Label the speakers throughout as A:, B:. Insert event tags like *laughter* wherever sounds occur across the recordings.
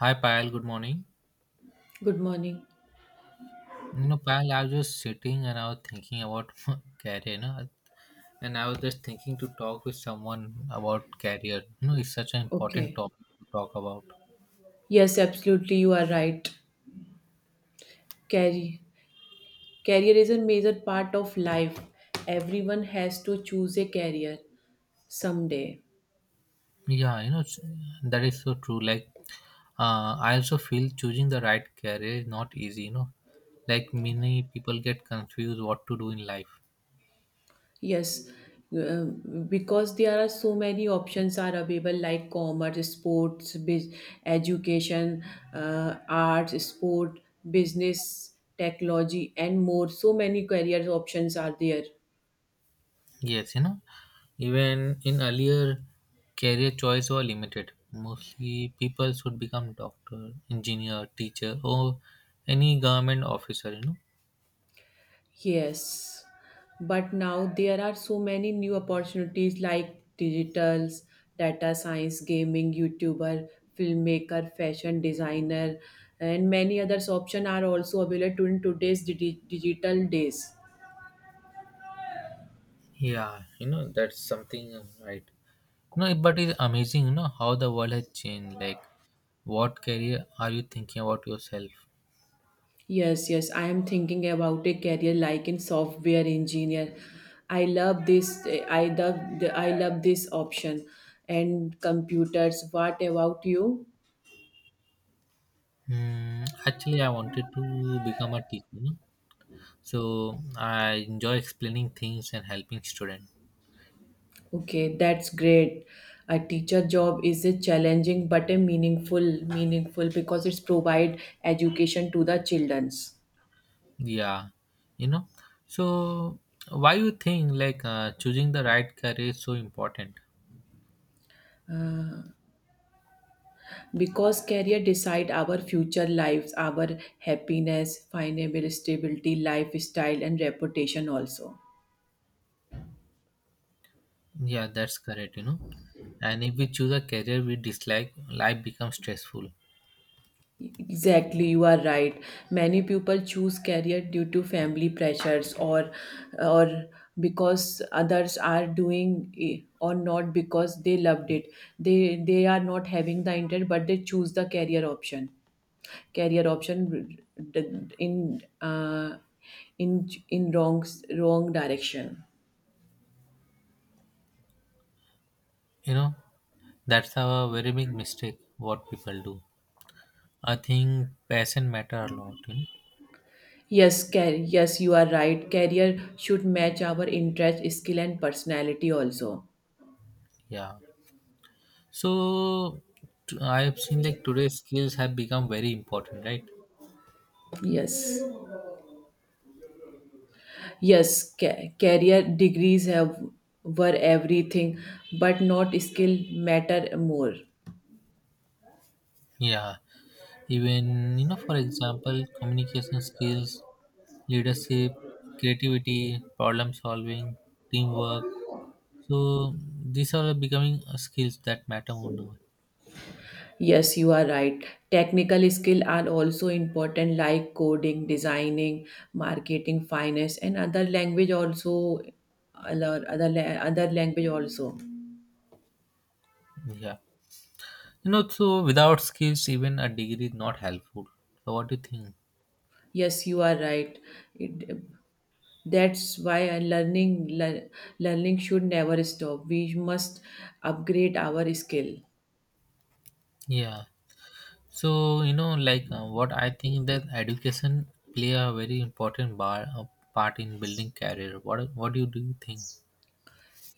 A: Hi Payal, good morning.
B: Good morning.
A: You know, Payal, I was just sitting and I was thinking about *laughs* career, you know, and I was just thinking to talk with someone about career. You know, it's such an important
B: Okay.
A: topic to talk about.
B: Yes, absolutely. You are right. Carry. Career is a major part of life. Everyone has to choose a career someday.
A: Yeah, that is so true. Like, I also feel choosing the right career is not easy, you know, like many people get confused what to do in life.
B: Yes, uh, because there are so many options are available like commerce, sports, biz, education, arts, sport, business, technology, and more. So many career options are there.
A: Yes, you know, even in earlier, career choice were limited. Mostly, people should become doctor, engineer, teacher, or any government officer. You know.
B: Yes, but now there are so many new opportunities like digitals, data science, gaming, YouTuber, filmmaker, fashion designer, and many others options are also available in today's digital days.
A: Yeah, you know that's something right. No, but it's amazing, you know, how the world has changed. Like, what career are you thinking about yourself?
B: Yes, yes, I am thinking about a career like in software engineer. I love this. I love. I love this option and computers. What about you?
A: Hmm, actually, I wanted to become a teacher. You know? So I enjoy explaining things and helping students.
B: Okay, that's great. A teacher job is a challenging but a meaningful because it's provide education to the childrens.
A: Yeah, you know. So why you think like choosing the right career is so important?
B: Because career decide our future lives, our happiness, financial stability, lifestyle, and reputation also.
A: Yeah, that's correct, you know. And if we choose a career we dislike, life becomes stressful.
B: Exactly, you are right. Many people choose career due to family pressures or because others are doing it or not because they loved it. They they are not having the intent, but they choose the career option. Career option in in in wrong wrong direction.
A: You know, that's a very big mistake what people do. I think passion matter a lot, you know.
B: Yes, yes, you are right. Career should match our interest, skill, and personality also.
A: Yeah. So I have seen like today's skills have become very important, right?
B: Yes. Yes, career degrees have were everything, but not skill matter more.
A: Yeah. Even, you know, for example, communication skills, leadership, creativity, problem solving, teamwork. So these are becoming skills that matter more now.
B: Yes, you are right. Technical skill are also important like coding, designing, marketing, finance, and other language also.
A: Yeah. You know, so without skills, even a degree is not helpful. So what do you think?
B: Yes, you are right. It, that's why learning should never stop. We must upgrade our skill.
A: Yeah. So you know, like what I think that education play a very important part in building career. What do you think?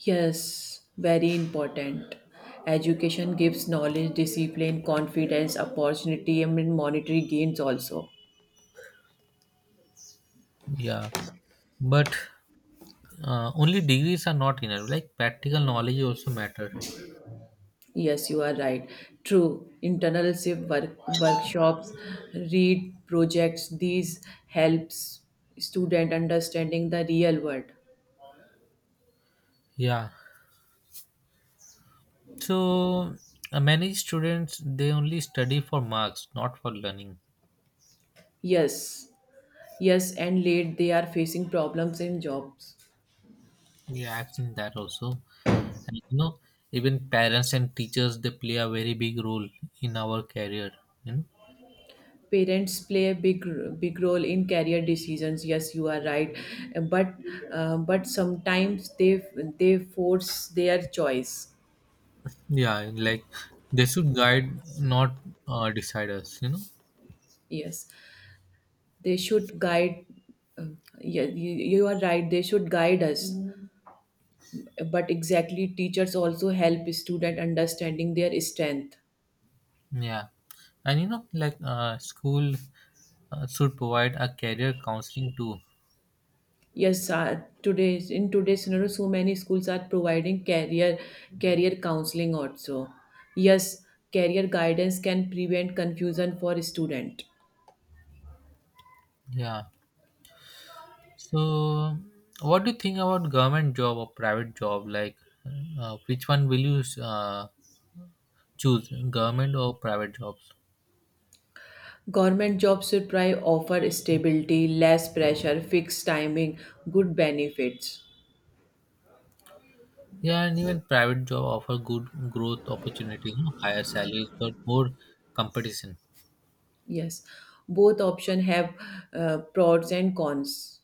B: Yes, very important. Education gives knowledge, discipline, confidence, opportunity, and monetary gains also.
A: Yeah. But only degrees are not enough. Like practical knowledge also matter.
B: Yes, you are right. True. Workshops, read projects, these helps student understanding the real world.
A: Yeah. So many students they only study for marks, not for learning.
B: Yes. Yes, and late they are facing problems in jobs.
A: Yeah, I've seen that also. And you know, even parents and teachers they play a very big role in our career. You know,
B: Parents play a big role in career decisions. Yes, you are right. Uh, but but sometimes they force their choice.
A: yeah, and, like they should guide, not decide us. You know,
B: Yes, they should guide. uh, yeah, you are right, they should guide us. But exactly, teachers also help student understanding their strength.
A: yeah, and you know, like school should provide a career counseling too.
B: Yes, today's in today's scenario, so many schools are providing career counseling also. Yes, career guidance can prevent confusion for student.
A: Yeah. So, what do you think about government job or private job? Like, which one will you choose, government or private jobs?
B: Government jobs should try offer stability, less pressure, fixed timing, good benefits.
A: Yeah, and even private job offer good growth opportunity, you know, higher salaries, but more competition.
B: Yes, both option have pros and cons.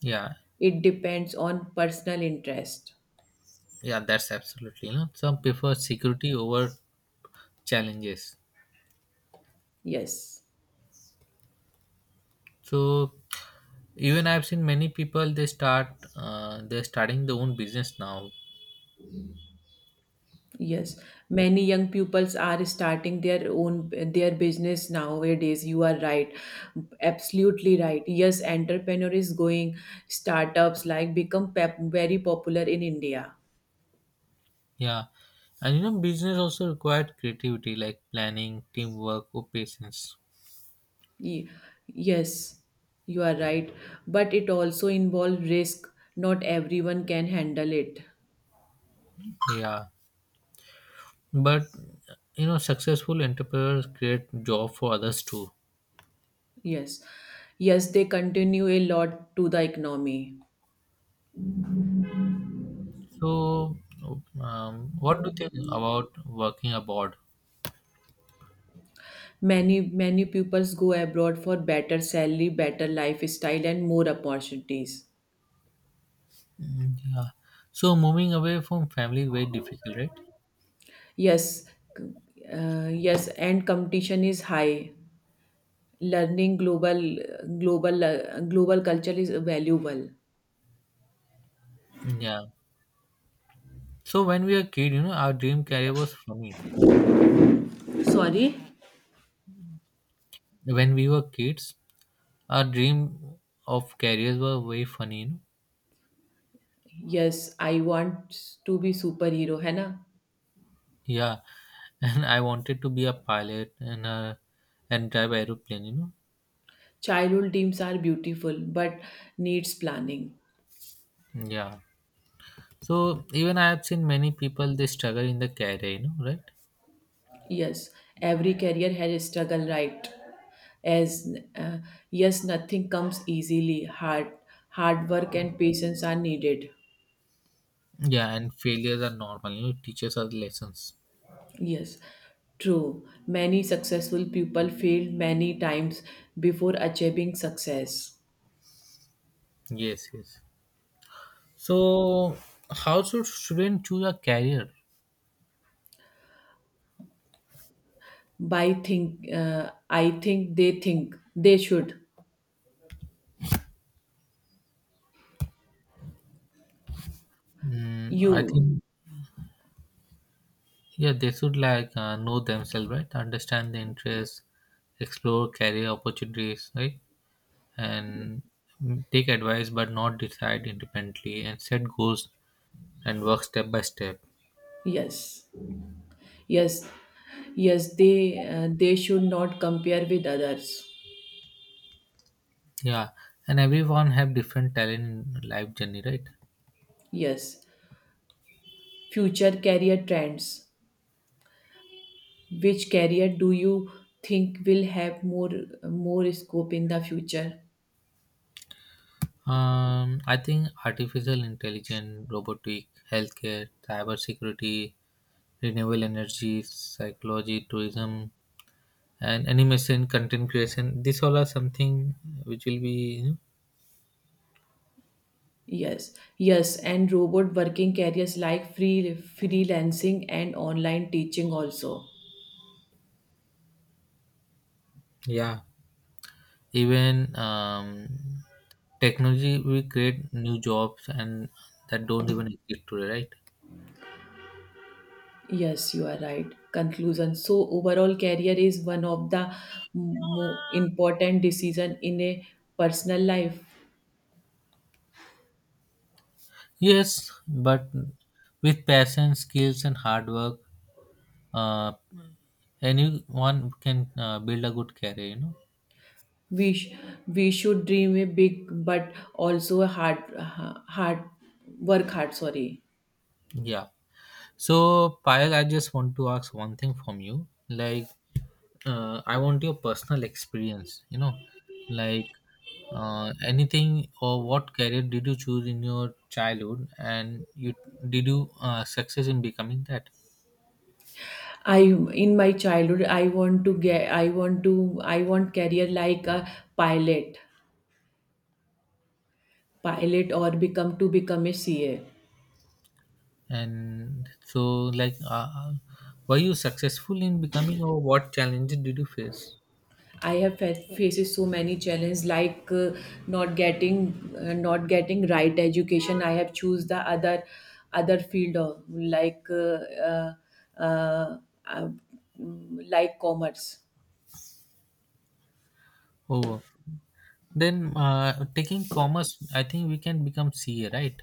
A: Yeah,
B: It depends on personal interest.
A: yeah, that's absolutely. You know, some prefer security over challenges.
B: Yes.
A: So, even I've seen many people they're starting their own business now.
B: Yes, many young pupils are starting their own their business nowadays. You are right, absolutely right. Yes, entrepreneur is going startups like very popular in India.
A: Yeah, and you know, business also required creativity, like planning, teamwork, or patience.
B: Ye- Yes, you are right, but it also involves risk. Not everyone can handle it.
A: Yeah, but you know, successful entrepreneurs create job for others too.
B: Yes, yes, they continue a lot to the economy.
A: So, what do you think about working abroad?
B: Many pupils go abroad for better salary, better lifestyle, and more opportunities.
A: Yeah, so moving away from family is very difficult, right?
B: Yes, yes, and competition is high. Learning global culture is valuable.
A: Yeah. So when we were kid, you know, our dream career was funny.
B: Sorry.
A: When we were kids, our dream of careers were very funny. You know?
B: Yes, I want to be superhero, है ना?
A: Yeah, *laughs* and I wanted to be a pilot and drive aeroplane. You know.
B: Childhood dreams are beautiful but needs planning.
A: Yeah. So even I have seen many people they struggle in the career. You know, right?
B: Yes, every career has a struggle, right? As yes, nothing comes easily. Hard, hard work and patience are needed.
A: Yeah, and failures are normal. You know, it teaches us lessons.
B: Yes, true. Many successful people failed many times before achieving success.
A: Yes, yes. So how should student choose a career?
B: I think they should.
A: Mm, I
B: You,
A: think yeah, they should like know themselves, right? Understand the interests, explore career opportunities, right? And take advice but not decide independently and set goals and work step by step.
B: yes, yes, yes. They should not compare with others.
A: Yeah, and everyone have different talent in life journey, right?
B: Yes, future career trends. Which career do you think will have more scope in the future?
A: I think artificial intelligence, robotic, healthcare, cyber security, renewable energy, psychology, tourism, and animation, content creation, these all are something which will be, you know,
B: Yes, yes, and robot working careers like freelancing and online teaching also.
A: yeah. Even um, technology will create new jobs and that don't even exist today, right?
B: Yes, you are right. Conclusion. So overall career is one of the mo important decision in a personal life.
A: Yes, but with passion, skills, and hard work, uh, anyone can build a good career, you know?
B: We sh- we should dream a big but also a hard ha- hard work hard, sorry.
A: Yeah. So, Payal, I just want to ask one thing from you. Like, I want your personal experience, you know, like anything or what career did you choose in your childhood and you did you success in becoming that?
B: I In my childhood I want to get I want to I want career like a pilot pilot or become to become a CA.
A: And so, like, were you successful in becoming, or what challenges did you face?
B: I have faces so many challenges like not getting not getting right education. I have choose the other field of like uh, uh, uh, like commerce.
A: Oh, then taking commerce, I think we can become CA, right?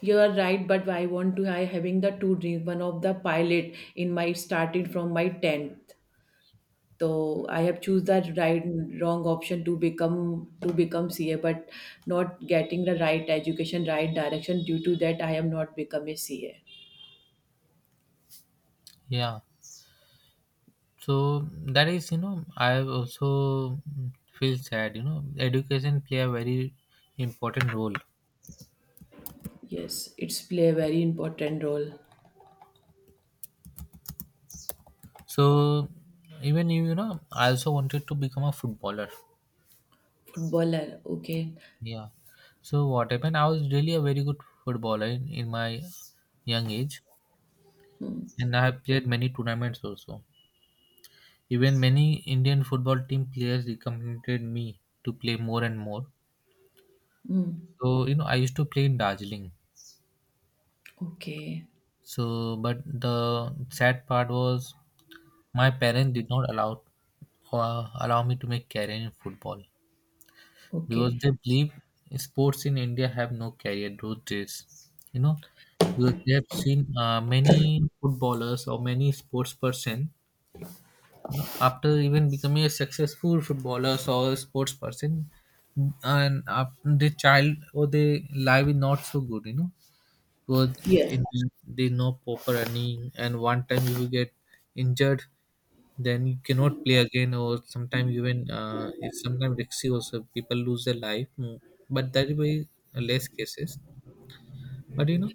B: You are right, but I want to I having the two dreams. One of the pilot in my started from my tenth. So I have choose that wrong option to become CA, but not getting the right education, right direction. Due to that, I am not become a CA.
A: Yeah. So that is, you know, I also feel sad. You know, education play a very important role.
B: Yes, it's play a very important role.
A: So even you, you know, I also wanted to become a footballer.
B: Footballer, okay.
A: Yeah. So what happened? I was really a very good footballer in my young age.
B: Hmm.
A: And I have played many tournaments also. Even many Indian football team players recommended me to play more and more.
B: Hmm.
A: So, you know, I used to play in Darjeeling.
B: Okay,
A: So, but the sad part was my parents did not allow allow me to make career in football because
B: okay.
A: they believe sports in India have no career those days. You know, because they have seen many footballers or many sports person, after even becoming a successful footballer or a sports person, and the child or the life is not so good, you know, because
B: Yeah.
A: in, they know proper earning and one time you will get injured, then you cannot play again, or sometimes even it's sometimes risky also, people lose their life, but that is very less cases, but you know,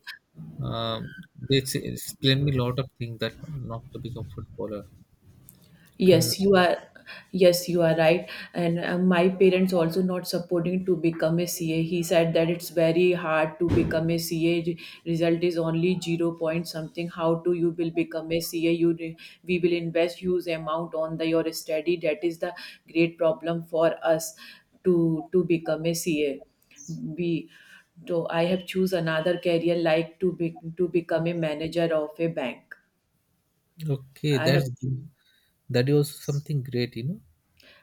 A: um, explain me a lot of things that not to become footballer. And
B: Yes, you are. Yes, you are right. And my parents also not supporting to become a CA. He said that it's very hard to become a CA. Result is only 0 point something. How do you will become a CA? We will invest huge amount on the your study. That is the great problem for us to become a CA. B. So I have choose another career like to become a manager of a bank.
A: okay,
B: I have.
A: that's good. That was something great, you know.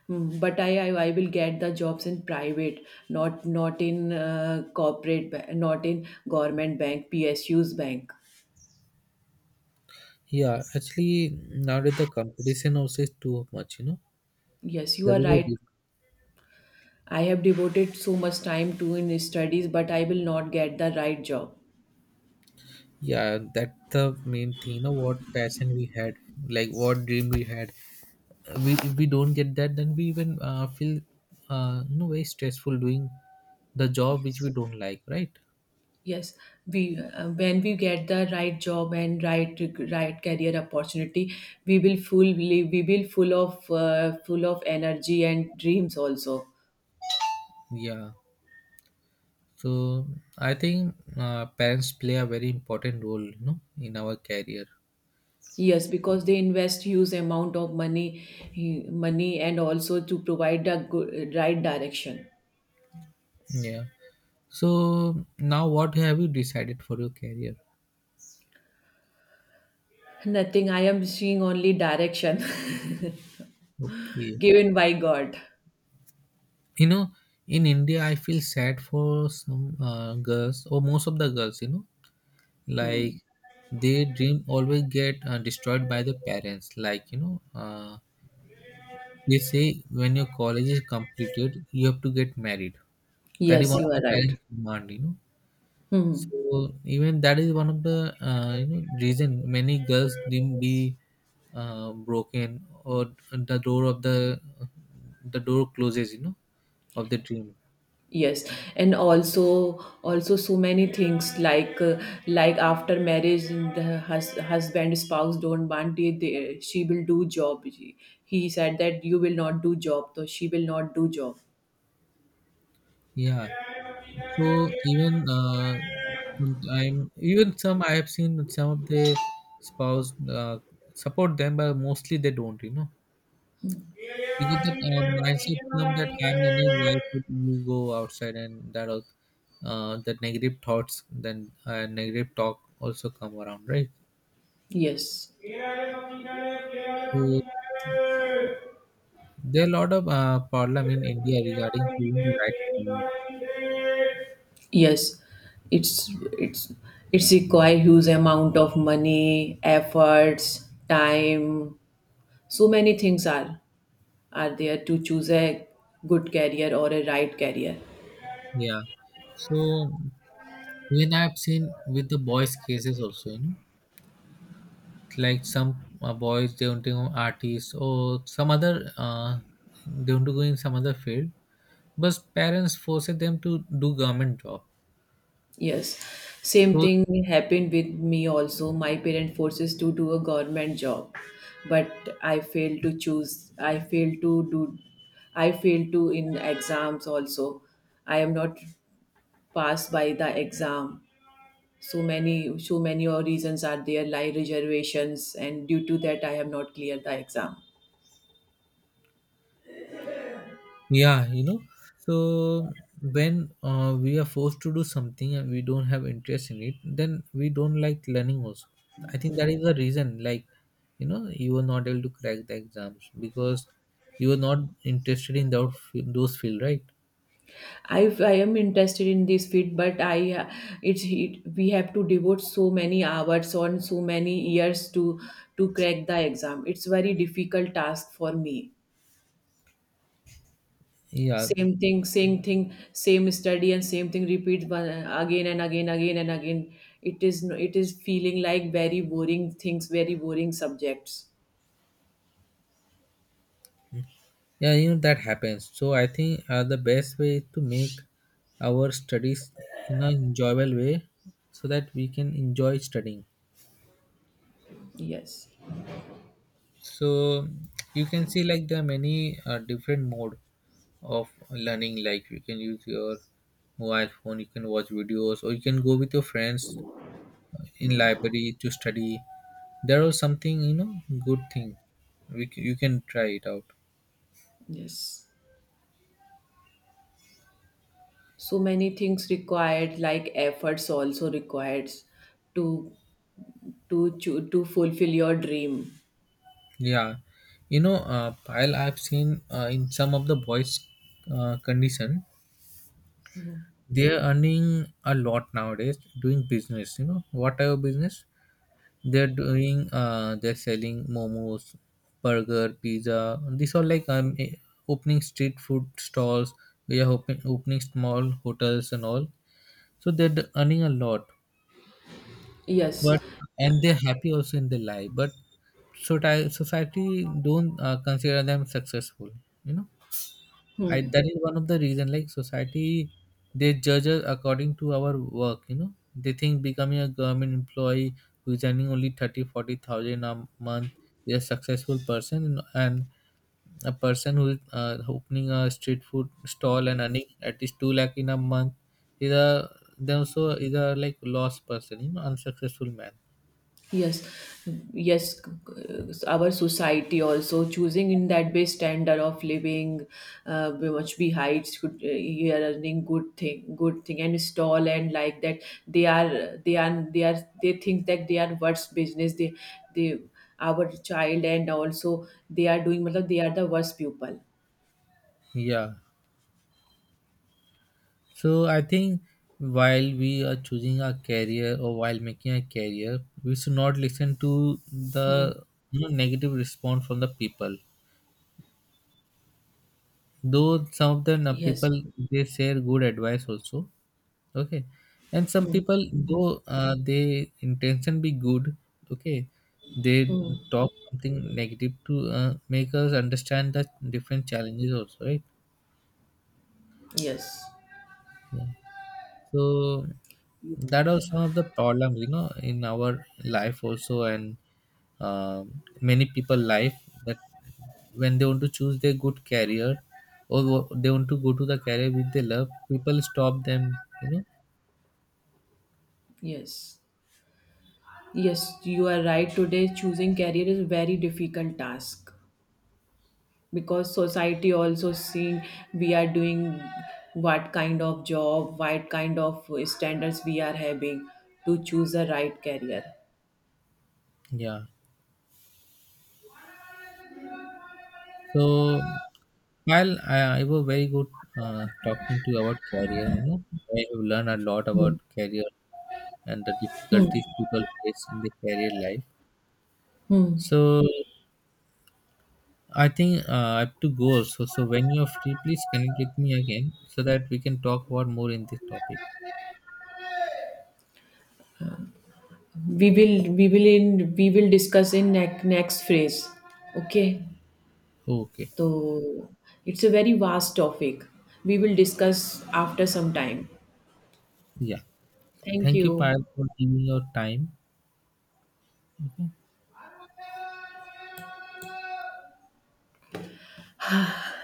B: Hmm. But I will get the jobs in private, not in corporate, not in government bank, PSU's bank.
A: Yeah, actually nowadays the competition also is too much, you know.
B: Yes, you
A: That
B: are
A: is a
B: right.
A: re-
B: I have devoted so much time to in studies, but I will not get the right job.
A: Yeah, that's the main thing, you know, what passion we had, like what dream we had. We if we don't get that, then we even feel you know very stressful doing the job which we don't like, right?
B: Yes, we when we get the right job and right career opportunity, we will full of energy and dreams also.
A: Yeah. So I think parents play a very important role, you know, in our career.
B: Yes, because they invest huge amount of money, and also to provide the good, right direction.
A: Yeah. So now what have you decided for your career?
B: Nothing. I am seeing only direction
A: Okay.
B: *laughs* given by God.
A: You know, in India, I feel sad for some girls or most of the girls, you know, like their dream always get destroyed by the parents. Like, you know, they say when your college is completed, you have to get married. That is
B: Yes,
A: one
B: you
A: of
B: are
A: the
B: right.
A: parents' demand, you know. So even that is one of the, you know, reason many girls didn't be broken or the door of the door closes, you know, of the dream.
B: Yes, and also so many things like after marriage, the husband spouse don't want it. They, she will do job. He said that you will not do job, so she will not do job.
A: Yeah. So even I have seen some of the spouse support them, but mostly they don't. You know, because that
B: Yes.
A: mindset term that I'm earning, why should you go outside and that all, that negative thoughts, then negative talk also come around, right? So there are a lot of problem in India regarding doing the right thing.
B: Yes. It's it's it's require huge amount of money, efforts, time. So many things are there to choose a good career or a right career.
A: Yeah. So when I've seen with the boys cases also, you know, like some boys they want to go artists or some other they want to go in some other field, but parents forced them to do government job.
B: Yes, same
A: So
B: thing happened with me also. My parent forces to do a government job, but I failed to choose. I failed to do. I failed to in exams also. I am not passed by the exam. So many, so many or reasons are there, like reservations, and due to that, I have not cleared the exam.
A: yeah, you know. So when we are forced to do something and we don't have interest in it, then we don't like learning also. I think that is the reason, like, you know, you were not able to crack the exams because you were not interested in those field, right?
B: I am interested in this field, but I it's it, we have to devote so many hours on so many years to crack the exam. It's very difficult task for me.
A: Yeah.
B: Same thing, same thing, same study and same thing repeat one, again and again, again and again. It is it is feeling like very boring things, very boring subjects.
A: Yeah, you know, that happens. So I think the best way is to make our studies in an enjoyable way, so that we can enjoy studying.
B: Yes,
A: So you can see like there are many different mode of learning. Like you can use your mobile phone, you can watch videos, or you can go with your friends in library to study. There are something, you know, good thing. You can try it out.
B: yes. So many things required, like efforts also required to to fulfill your dream.
A: Yeah, you know, pile I've seen in some of the boys' condition, they're earning a lot nowadays doing business. You know, whatever business they're doing, they're selling momos, burger, pizza. These are like opening street food stalls. Opening small hotels and all. So they're d- earning a lot,
B: Yes,
A: but and they're happy also in their life. But so society don't consider them successful. You know. I that is one of the reason, like society they judge us according to our work, you know, they think becoming a government employee who is earning only 30 40,000 a month is a successful person, and a person who is opening a street food stall and earning at least 2 lakh in a month is a, they also is a like lost person, you know, unsuccessful man.
B: yes, yes, our society also choosing in that way standard of living. We much be heights good. You are earning good thing, good thing and stall and like that. they are they are, they think that they are worst business. They, our child and also they are doing matlab, they are the worst people.
A: Yeah. So I think while we are choosing a career or while making a career, we should not listen to
B: Hmm.
A: the, you know, negative response from the people. Though some of the
B: Yes.
A: people they share good advice also, okay, and some
B: Hmm.
A: people, though they intention be good, okay, they
B: Hmm.
A: talk something negative to make us understand the different challenges also, right?
B: Yes,
A: So that are some of the problem, you know, in our life also, and many people life that when they want to choose their good career or they want to go to the career which they love, people stop them, you know.
B: yes. Yes, you are right. Today, choosing career is a very difficult task because society also seeing we are doing what kind of job, what kind of standards we are having to choose the right career.
A: Yeah. So while I was very good talking to you about career, you know, I have learned a lot
B: Hmm.
A: about career and the difficulties people face in their career life.
B: Hmm.
A: So I think I have to go also. So when you're free, please connect with me again so that we can talk about more in this topic.
B: We will discuss in next phase. Okay.
A: Okay.
B: So it's a very vast topic. We will discuss after some time.
A: Yeah.
B: Thank
A: Thank you,
B: you.
A: Payal, for giving your time. Okay.